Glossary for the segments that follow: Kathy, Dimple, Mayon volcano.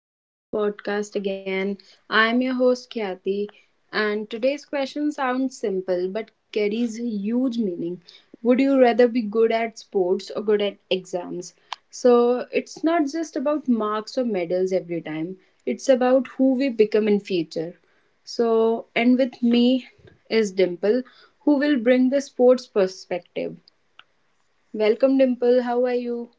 welcome to our podcast again. I am your host Khyati, and today's question sounds simple but carries huge meaning. Would you rather be good at sports or good at exams? So, it's not just about marks or medals every time. It's about who we become in future. So, and with me is Dimple, who will bring the sports perspective. Welcome Dimple, how are you?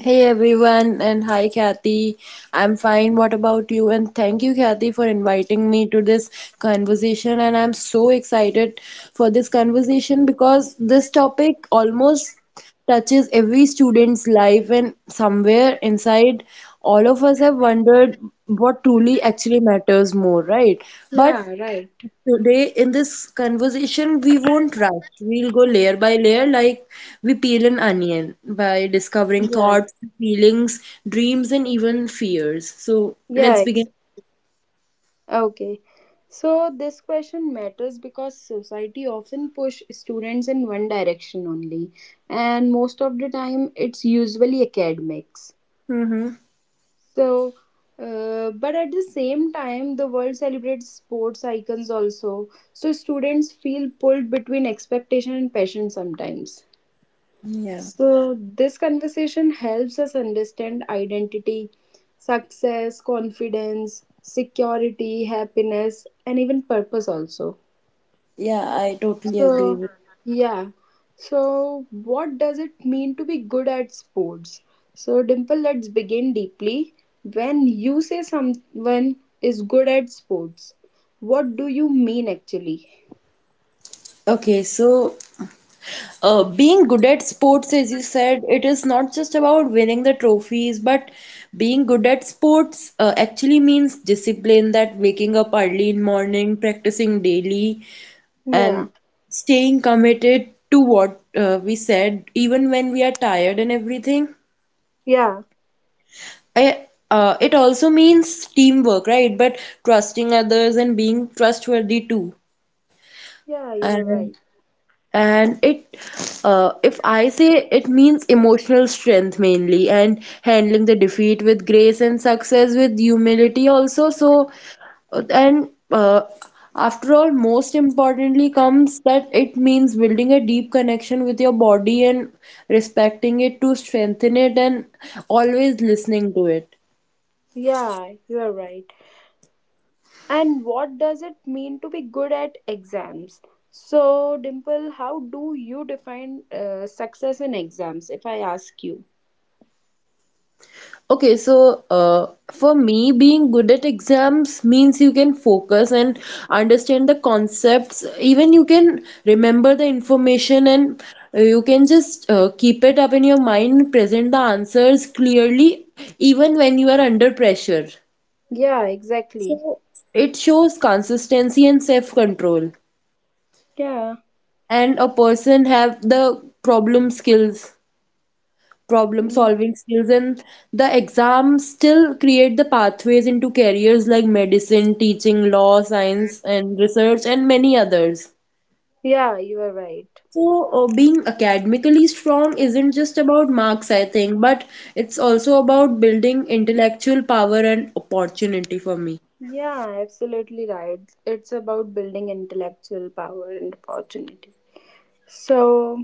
Hey everyone, and hi Kathy. I'm fine. What about you? And thank you, Kathy, for inviting me to this conversation. And I'm so excited for this conversation because this topic almost touches every student's life, and somewhere inside, all of us have wondered what truly actually matters more, right? But Yeah, right. Today, in this conversation, we won't rush. We'll go layer by layer like we peel an onion by discovering Yeah. thoughts, feelings, dreams, and even fears. So Yeah, let's begin. exactly. Okay. So this question matters because society often push students in one direction only, and most of the time it's usually academics. Mm-hmm. So but at the same time the world celebrates sports icons also, so students feel pulled between expectation and passion sometimes. Yeah. So, this conversation helps us understand identity, success, confidence, security, happiness, and even purpose also. Yeah, I totally agree So, with. yeah. So, what does it mean to be good at sports? So, Dimple, let's begin deeply. When you say someone is good at sports, what do you mean actually? Okay, so being good at sports, as you said, it is not just about winning the trophies, but being good at sports actually means discipline, that waking up early in morning, practicing daily, and Yeah, staying committed to what we said, even when we are tired and everything. yeah, It also means teamwork, right? But trusting others and being trustworthy too. yeah, you are And right. and it If I say, it means emotional strength mainly, and handling the defeat with grace and success with humility also. So and after all, most importantly comes that it means building a deep connection with your body and respecting it to strengthen it, and always listening to it. Yeah, you are right. And what does it mean to be good at exams? So, Dimple, how do you define success in exams, if I ask you? Okay, so for me, being good at exams means you can focus and understand the concepts. Even you can remember the information and you can just keep it up in your mind, present the answers clearly, even when you are under pressure. Yeah, exactly. It shows consistency and self-control, Yeah. and a person have the problem Yeah. solving skills, and the exams still create the pathways into careers like medicine, teaching, law, science and research and many others. Yeah, you are right. So, being academically strong isn't just about marks, I think, but it's also about building intellectual power and opportunity for me. Yeah, absolutely right. It's about building intellectual power and opportunity. So,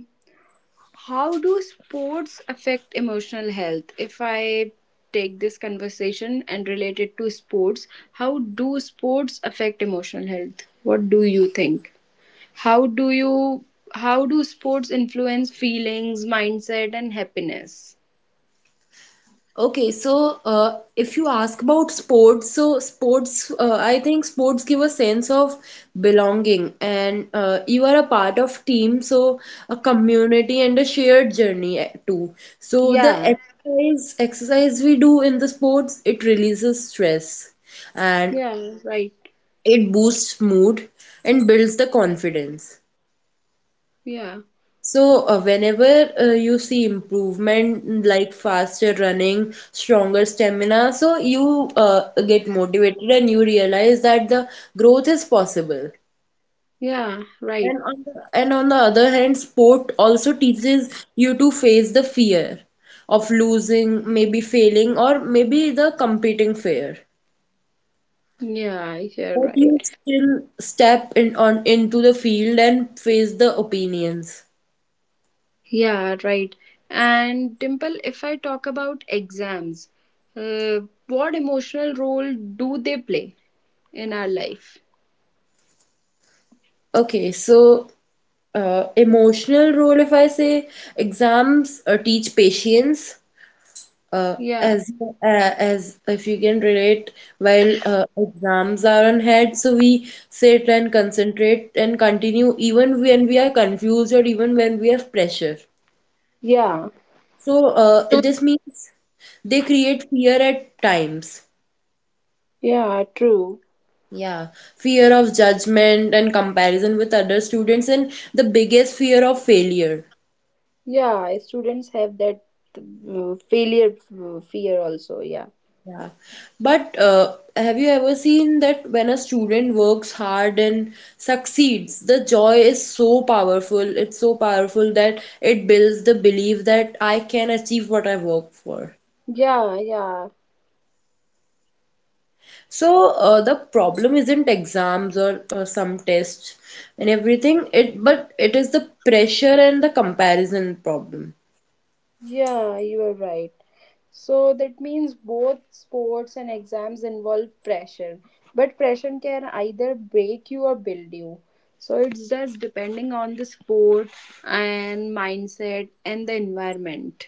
how do sports affect emotional health? If I take this conversation and relate it to sports, how do sports affect emotional health? What do you think? How do you how do sports influence feelings, mindset and happiness? Okay, so if you ask about sports, so sports, I think sports give a sense of belonging, and you are a part of team, so a community and a shared journey too. So the Yeah. exercise we do in the sports, it releases stress, and Yeah, right. it boosts mood and builds the confidence. Yeah. So, whenever you see improvement like faster running, stronger stamina, so you get motivated and you realize that the growth is possible. Yeah, right. And on the other hand, sport also teaches you to face the fear of losing, maybe failing, or maybe the competing fear. Yeah, you're But right. you still step in on into the field and face the opinions. Yeah, right. And Dimple, if I talk about exams, uh, what emotional role do they play in our life? Okay, so emotional role, if I say, exams teach patience, uh, Yeah. as as if you can relate, while exams are on head, so we sit and concentrate and continue even when we are confused or even when we have pressure. Yeah. So this means they create fear at times. Yeah, true. Yeah, fear of judgment and comparison with other students, and the biggest fear of failure. Yeah, students have that fear also. Yeah. Yeah, but have you ever seen that when a student works hard and succeeds, the joy is so powerful. It's so powerful that it builds the belief that I can achieve what I work for. Yeah, yeah. So the problem isn't exams or some tests and everything. It is the pressure and the comparison problem. Yeah, you are right. So that means both sports and exams involve pressure, but pressure can either break you or build you. So it's just depending on the sport and mindset and the environment.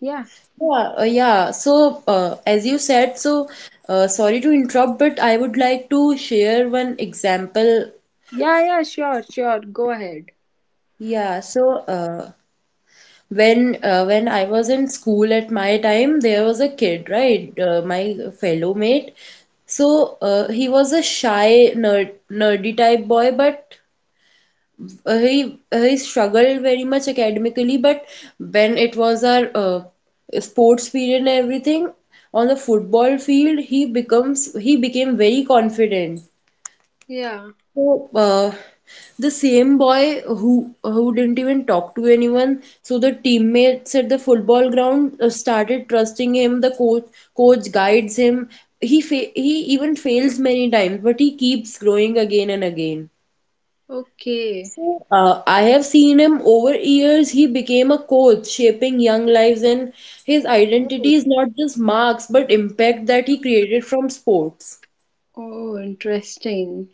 Yeah. Yeah. So, as you said, so sorry to interrupt, but I would like to share one example. Yeah, yeah, sure, sure. Go ahead. Yeah, so when I was in school at my time, there was a kid, right? My fellow mate. So he was a shy, nerdy type boy, but he struggled very much academically. But when it was our sports period and everything, on the football field, he becomes he became very confident. Yeah. So, the same boy who didn't even talk to anyone, so the teammates at the football ground started trusting him. The coach guides him. He even fails many times, but he keeps growing again and again. Okay. So, I have seen him over years. He became a coach, shaping young lives, and his identity is not just marks, but impact that he created from sports. Oh, interesting.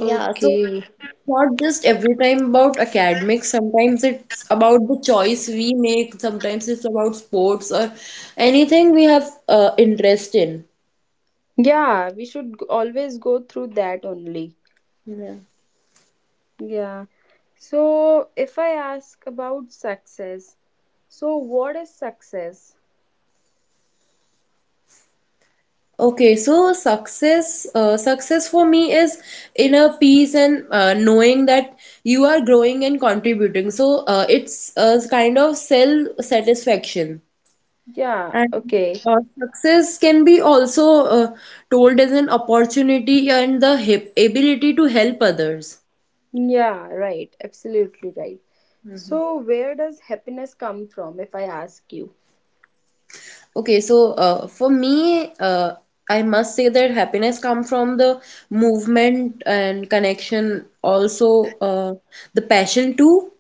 Okay. Not just every time about academics, sometimes it's about the choice we make, sometimes it's about sports or anything we have interest in. Yeah, we should always go through that only. Yeah. Yeah. So, if I ask about success, so what is success? Okay, so success, success for me is inner peace and knowing that you are growing and contributing, so it's a kind of self satisfaction. Yeah, And okay. Success can be also uh, told as an opportunity and the hip ability to help others. Yeah, right. Absolutely right. So, where does happiness come from, if I ask you? Okay, so for me, I must say that happiness come from the movement and connection, also the passion too.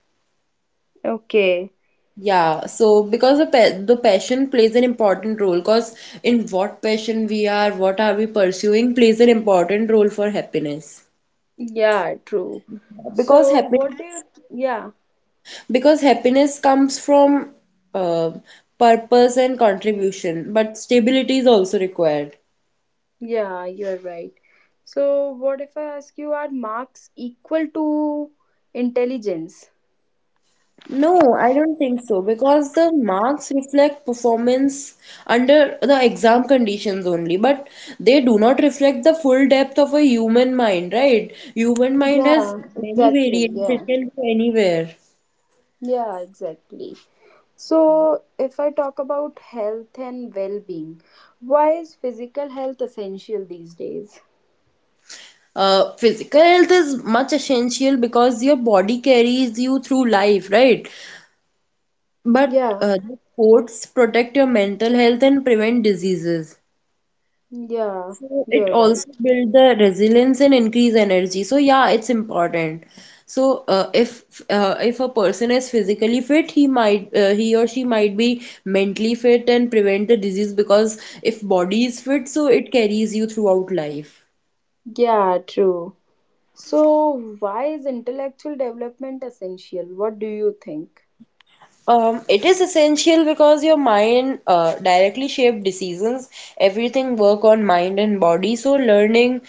Okay. Yeah, so because the passion plays an important role, because in what passion we are, what are we pursuing, plays an important role for happiness. Yeah, true. Because So, what do you. happiness, Yeah, because happiness comes from uh, purpose and contribution, but stability is also required. yeah, you're right. So, what if I ask you, are marks equal to intelligence? No, I don't think so, because the marks reflect performance under the exam conditions only, but they do not reflect the full depth of a human mind, right? Human mind has Yeah, many exactly. variants, it Yeah, can go anywhere. yeah, exactly. So, if I talk about health and well being, why is physical health essential these days? Physical health is much essential because your body carries you through life, right? But Yeah, the sports protect your mental health and prevent diseases. yeah, So it you're right. also build the resilience and increase energy. So yeah, it's important. So if a person is physically fit, he might he or she might be mentally fit and prevent the disease, because if body is fit, so it carries you throughout life. Yeah, true. So, why is intellectual development essential? What do you think? It is essential because your mind directly shape decisions. Everything work on mind and body. So learning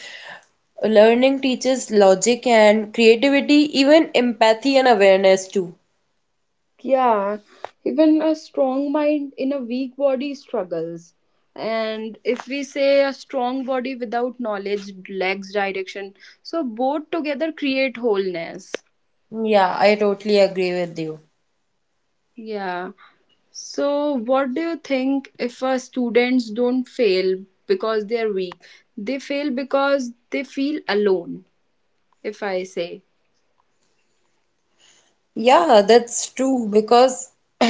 learning teaches logic and creativity, even empathy and awareness too. Yeah, even a strong mind in a weak body struggles. And if we say a strong body without knowledge lacks direction, so both together create wholeness. Yeah, I totally agree with you. Yeah. So, what do you think if our students don't fail because they are weak? They fail because they feel alone, if I say. Yeah, that's true, because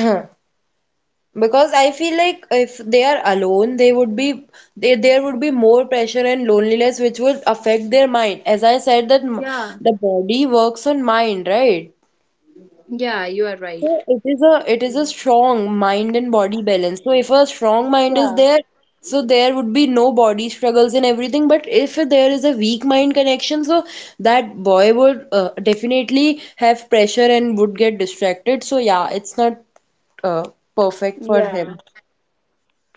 because I feel like if they are alone, they would be there would be more pressure and loneliness which would affect their mind. As I said that Yeah. the body works on mind, right? Yeah, you are right. So it is a strong mind and body balance. So if a strong mind is Yeah, there, so there would be no body struggles and everything. But if there is a weak mind connection, so that boy would definitely have pressure and would get distracted. So yeah, it's not uh, perfect for yeah. him.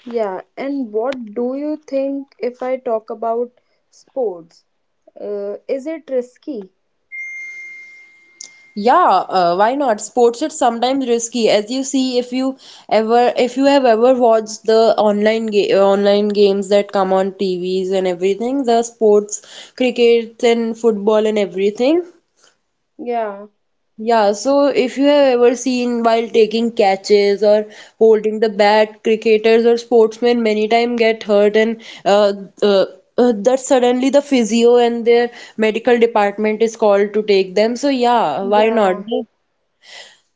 Yeah, and what do you think if I talk about sports? Is it risky? Yeah, why not? Sports is sometimes risky, as you see, if you ever if you have ever watched the online games that come on T V's and everything, the sports, cricket and football and everything. Yeah. Yeah, so if you have ever seen, while taking catches or holding the bat, cricketers or sportsmen many time get hurt, and uh, uh, that suddenly the physio and their medical department is called to take them. So yeah, why not? Yeah,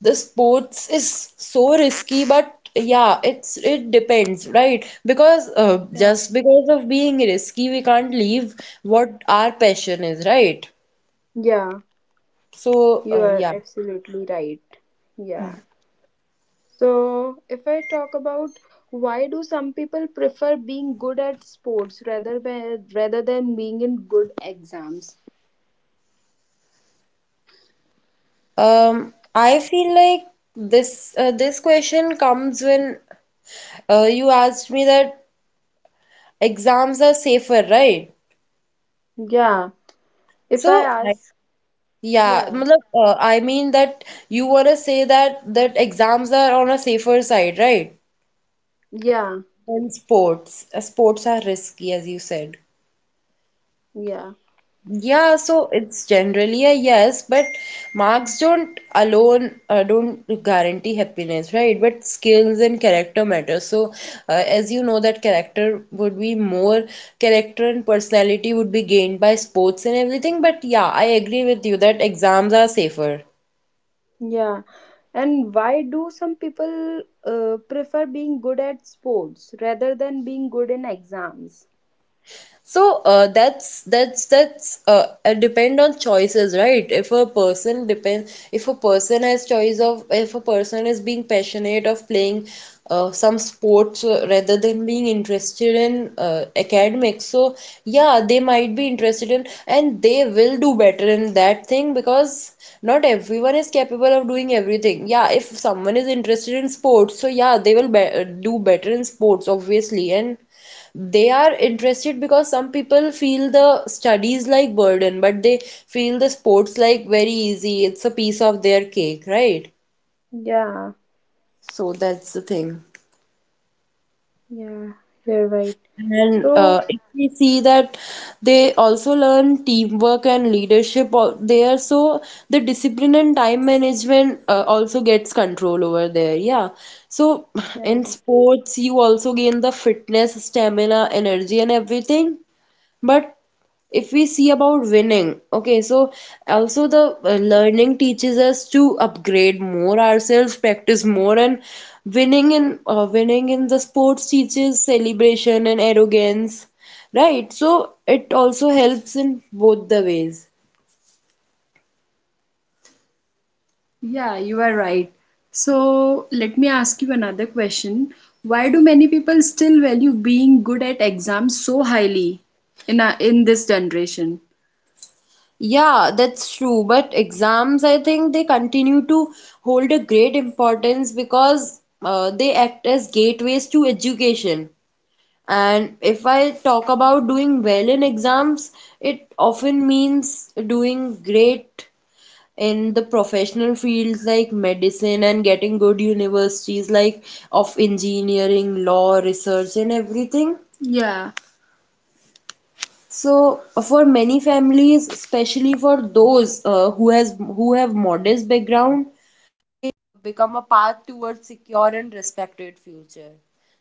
The sports is so risky, but yeah, it depends, right? Because yeah, just because of being risky we can't leave what our passion is, right? yeah, So you are yeah. absolutely right. Yeah. So, if I talk about, why do some people prefer being good at sports rather than being in good exams? Um, I feel like this question comes when you asked me that exams are safer, right? Yeah, if I So I, ask, yeah, yeah, matlab, I mean that you want to say that exams are on a safer side, right? yeah, Then sports. Sports are risky, as you said. yeah, Yeah, so it's generally a yes, but marks don't guarantee happiness, right? But skills and character matter. So, as you know, that character would be more character and personality would be gained by sports and everything. But yeah, I agree with you that exams are safer. yeah. And why do some people prefer being good at sports rather than being good in exams? So that's depend on choices, right? If a person depend, if a person has choice of, if a person is being passionate of playing some sports rather than being interested in academics, so yeah, they might be interested in, and they will do better in that thing, because not everyone is capable of doing everything. Yeah, if someone is interested in sports, so yeah, they will be do better in sports, obviously, and they are interested, because some people feel the studies like burden, but they feel the sports like very easy. It's a piece of their cake, right? Yeah, So that's the thing. yeah, you're right. And So, if we see that they also learn teamwork and leadership there, so the discipline and time management also gets control over there. Yeah. So in yeah. sports, you also gain the fitness, stamina, energy, and everything. But if we see about winning, okay, so also the learning teaches us to upgrade more ourselves, practice more, and winning in the sports teaches celebration and arrogance, right? So it also helps in both the ways. Yeah, you are right. So let me ask you another question. Why do many people still value being good at exams so highly in this generation? Yeah, that's true. But exams, I think they continue to hold a great importance because they act as gateways to education. And if I talk about doing well in exams, it often means doing great in the professional fields like medicine and getting good universities like of engineering, law, research, and everything. Yeah. So for many families, especially for those who have modest background, become a path towards secure and respected future.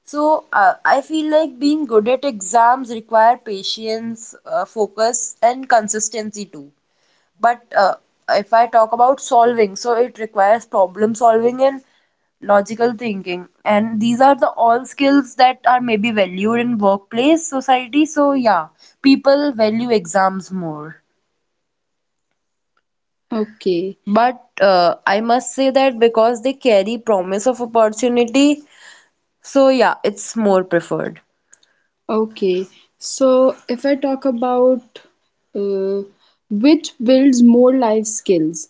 So I feel like being good at exams require patience, focus, and consistency too. But if I talk about solving, so it requires problem solving and logical thinking. And these are the all skills that are maybe valued in workplace society. So yeah, people value exams more. Okay. But I must say that because they carry promise of opportunity, so yeah, it's more preferred. Okay. So if I talk about uh, which builds more life skills,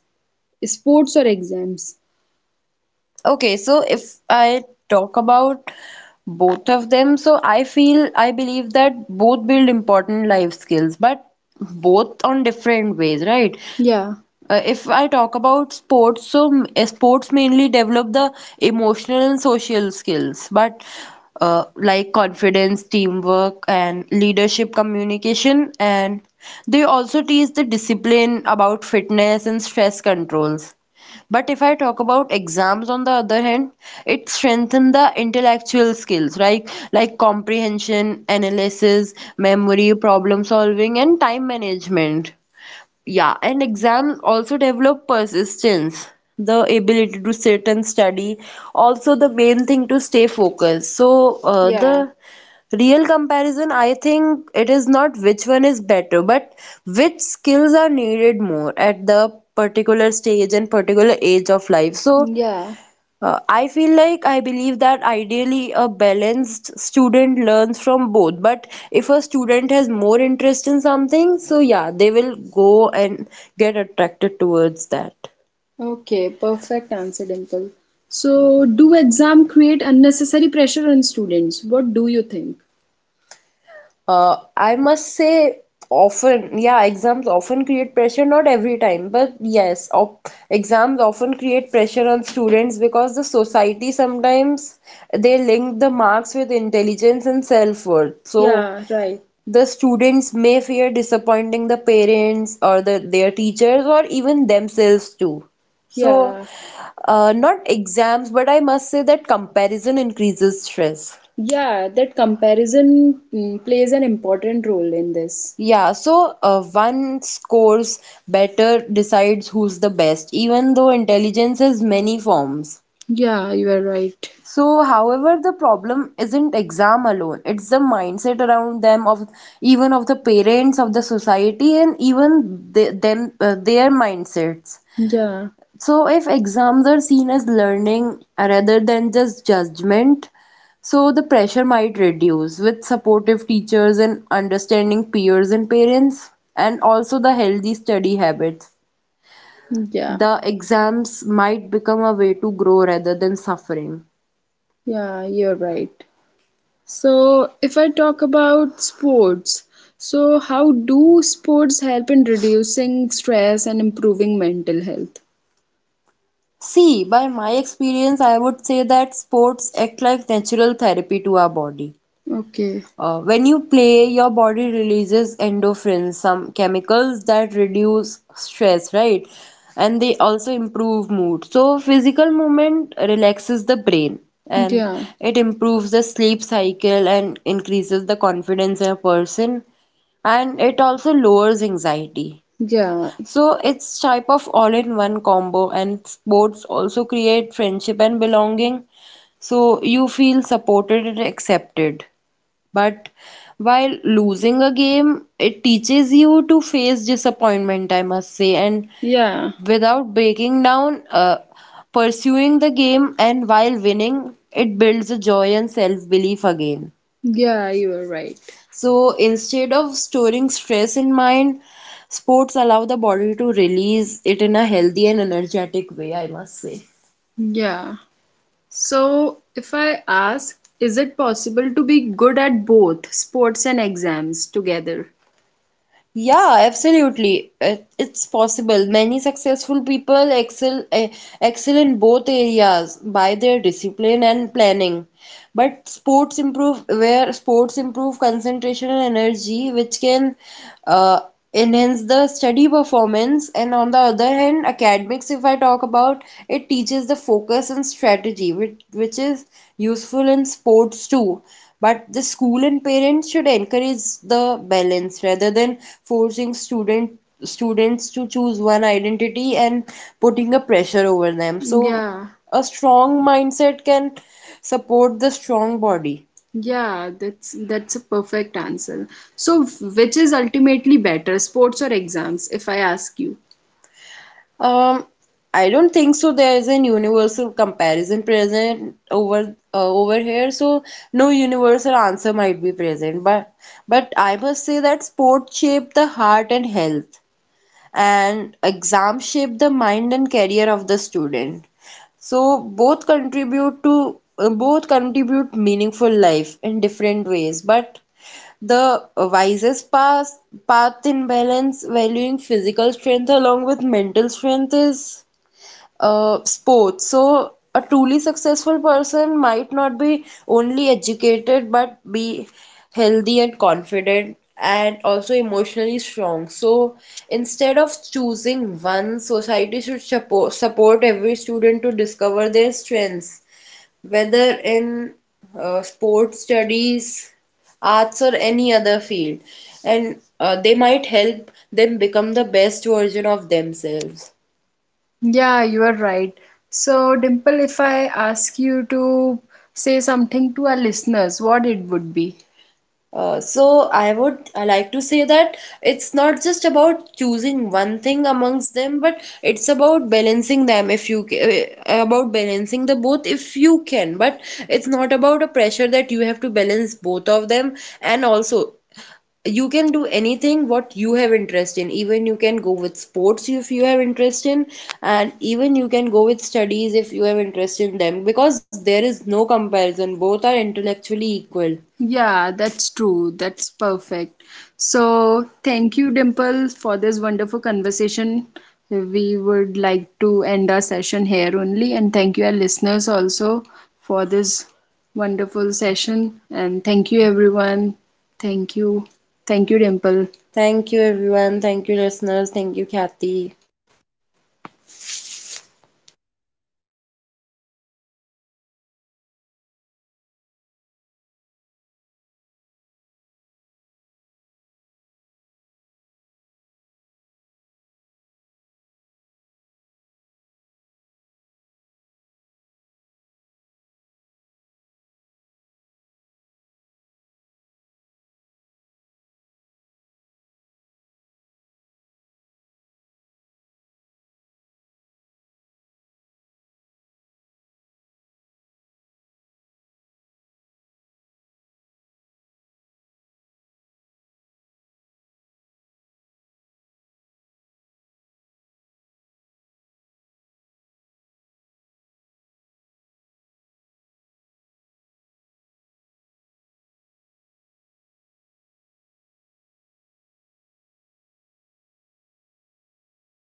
sports or exams. Okay, so if I talk about both of them, so I feel I believe that both build important life skills, but both on different ways, right? Yeah. If I talk about sports, so sports mainly develop the emotional and social skills, but like confidence, teamwork, and leadership, communication, and they also teach the discipline about fitness and stress controls. But if I talk about exams, on the other hand, it strengthens the intellectual skills, right? Like comprehension, analysis, memory, problem solving, and time management. Yeah, and exams also develop persistence, the ability to sit and study. Also, the main thing to stay focused. So, yeah. The real comparison, I think it is not which one is better, but which skills are needed more at the particular stage and particular age of life. So, yeah. I feel like I believe that ideally a balanced student learns from both. But if a student has more interest in something, so yeah, they will go and get attracted towards that. Okay, perfect answer, Dimple. So, do exam create unnecessary pressure on students? What do you think? I must say, often, yeah, exams often create pressure, not every time, but yes, op exams often create pressure on students because the society sometimes they link the marks with intelligence and self-worth. So, yeah, right. The students may fear disappointing the parents or their teachers or even themselves too. So, yeah. Not exams, but I must say that comparison increases stress. Yeah, that comparison plays an important role in this. Yeah, so one scores better decides who's the best, even though intelligence has many forms. Yeah, you are right. So, however, the problem isn't exam alone. It's the mindset around them of even of the parents of the society and even their mindsets. Yeah. So if exams are seen as learning rather than just judgment, so the pressure might reduce with supportive teachers and understanding peers and parents, and also the healthy study habits. Yeah, the exams might become a way to grow rather than suffering. Yeah, you're right. So, if I talk about sports, so how do sports help in reducing stress and improving mental health? See, by my experience, I would say that sports act like natural therapy to our body. Okay. When you play, your body releases endorphins, some chemicals that reduce stress, right? And they also improve mood. So, physical movement relaxes the brain and, yeah, it improves the sleep cycle and increases the confidence in a person. And it also lowers anxiety. Yeah. So it's type of all-in-one combo and sports also create friendship and belonging. So you feel supported and accepted. But while losing a game, it teaches you to face disappointment, I must say, and, yeah, without breaking down, pursuing the game, and while winning, it builds a joy and self-belief again. Yeah, you are right. So instead of storing stress in mind, sports allow the body to release it in a healthy and energetic way, I must say. Yeah. So, if I ask, is it possible to be good at both sports and exams together? Yeah, absolutely. It's possible. Many successful people excel excel in both areas by their discipline and planning. But sports improve concentration and energy, which can uh, enhance the study performance. And on the other hand, academics, if I talk about, it teaches the focus and strategy which is useful in sports too. But the school and parents should encourage the balance rather than forcing students to choose one identity and putting a pressure over them. So, yeah, a strong mindset can support the strong body. Yeah, that's a perfect answer. So, which is ultimately better, sports or exams, if I ask you? Um, I don't think so. There is an universal comparison present over here, so no universal answer might be present. But I must say that sport shape the heart and health and exams shape the mind and career of the student. So both contribute to both contribute meaningful life in different ways, but the wisest path in balance valuing physical strength along with mental strength is sports. So, a truly successful person might not be only educated but be healthy and confident and also emotionally strong. So, instead of choosing one, society should support every student to discover their strengths, whether in sports studies, arts, or any other field, and they might help them become the best version of themselves. Yeah, you are right. So, Dimple, if I ask you to say something to our listeners, what it would be? So I like to say that it's not just about choosing one thing amongst them, but it's about balancing them if you about balancing the both if you can. But it's not about a pressure that you have to balance both of them. And also, you can do anything what you have interest in. Even you can go with sports if you have interest in, and even you can go with studies if you have interest in them because there is no comparison. Both are intellectually equal. Yeah, that's true. That's perfect. So, thank you, Dimple, for this wonderful conversation. We would like to end our session here only. And thank you, our listeners, also for this wonderful session. And thank you, everyone. Thank you. Thank you, Dimple. Thank you, everyone. Thank you, listeners. Thank you, Kathy.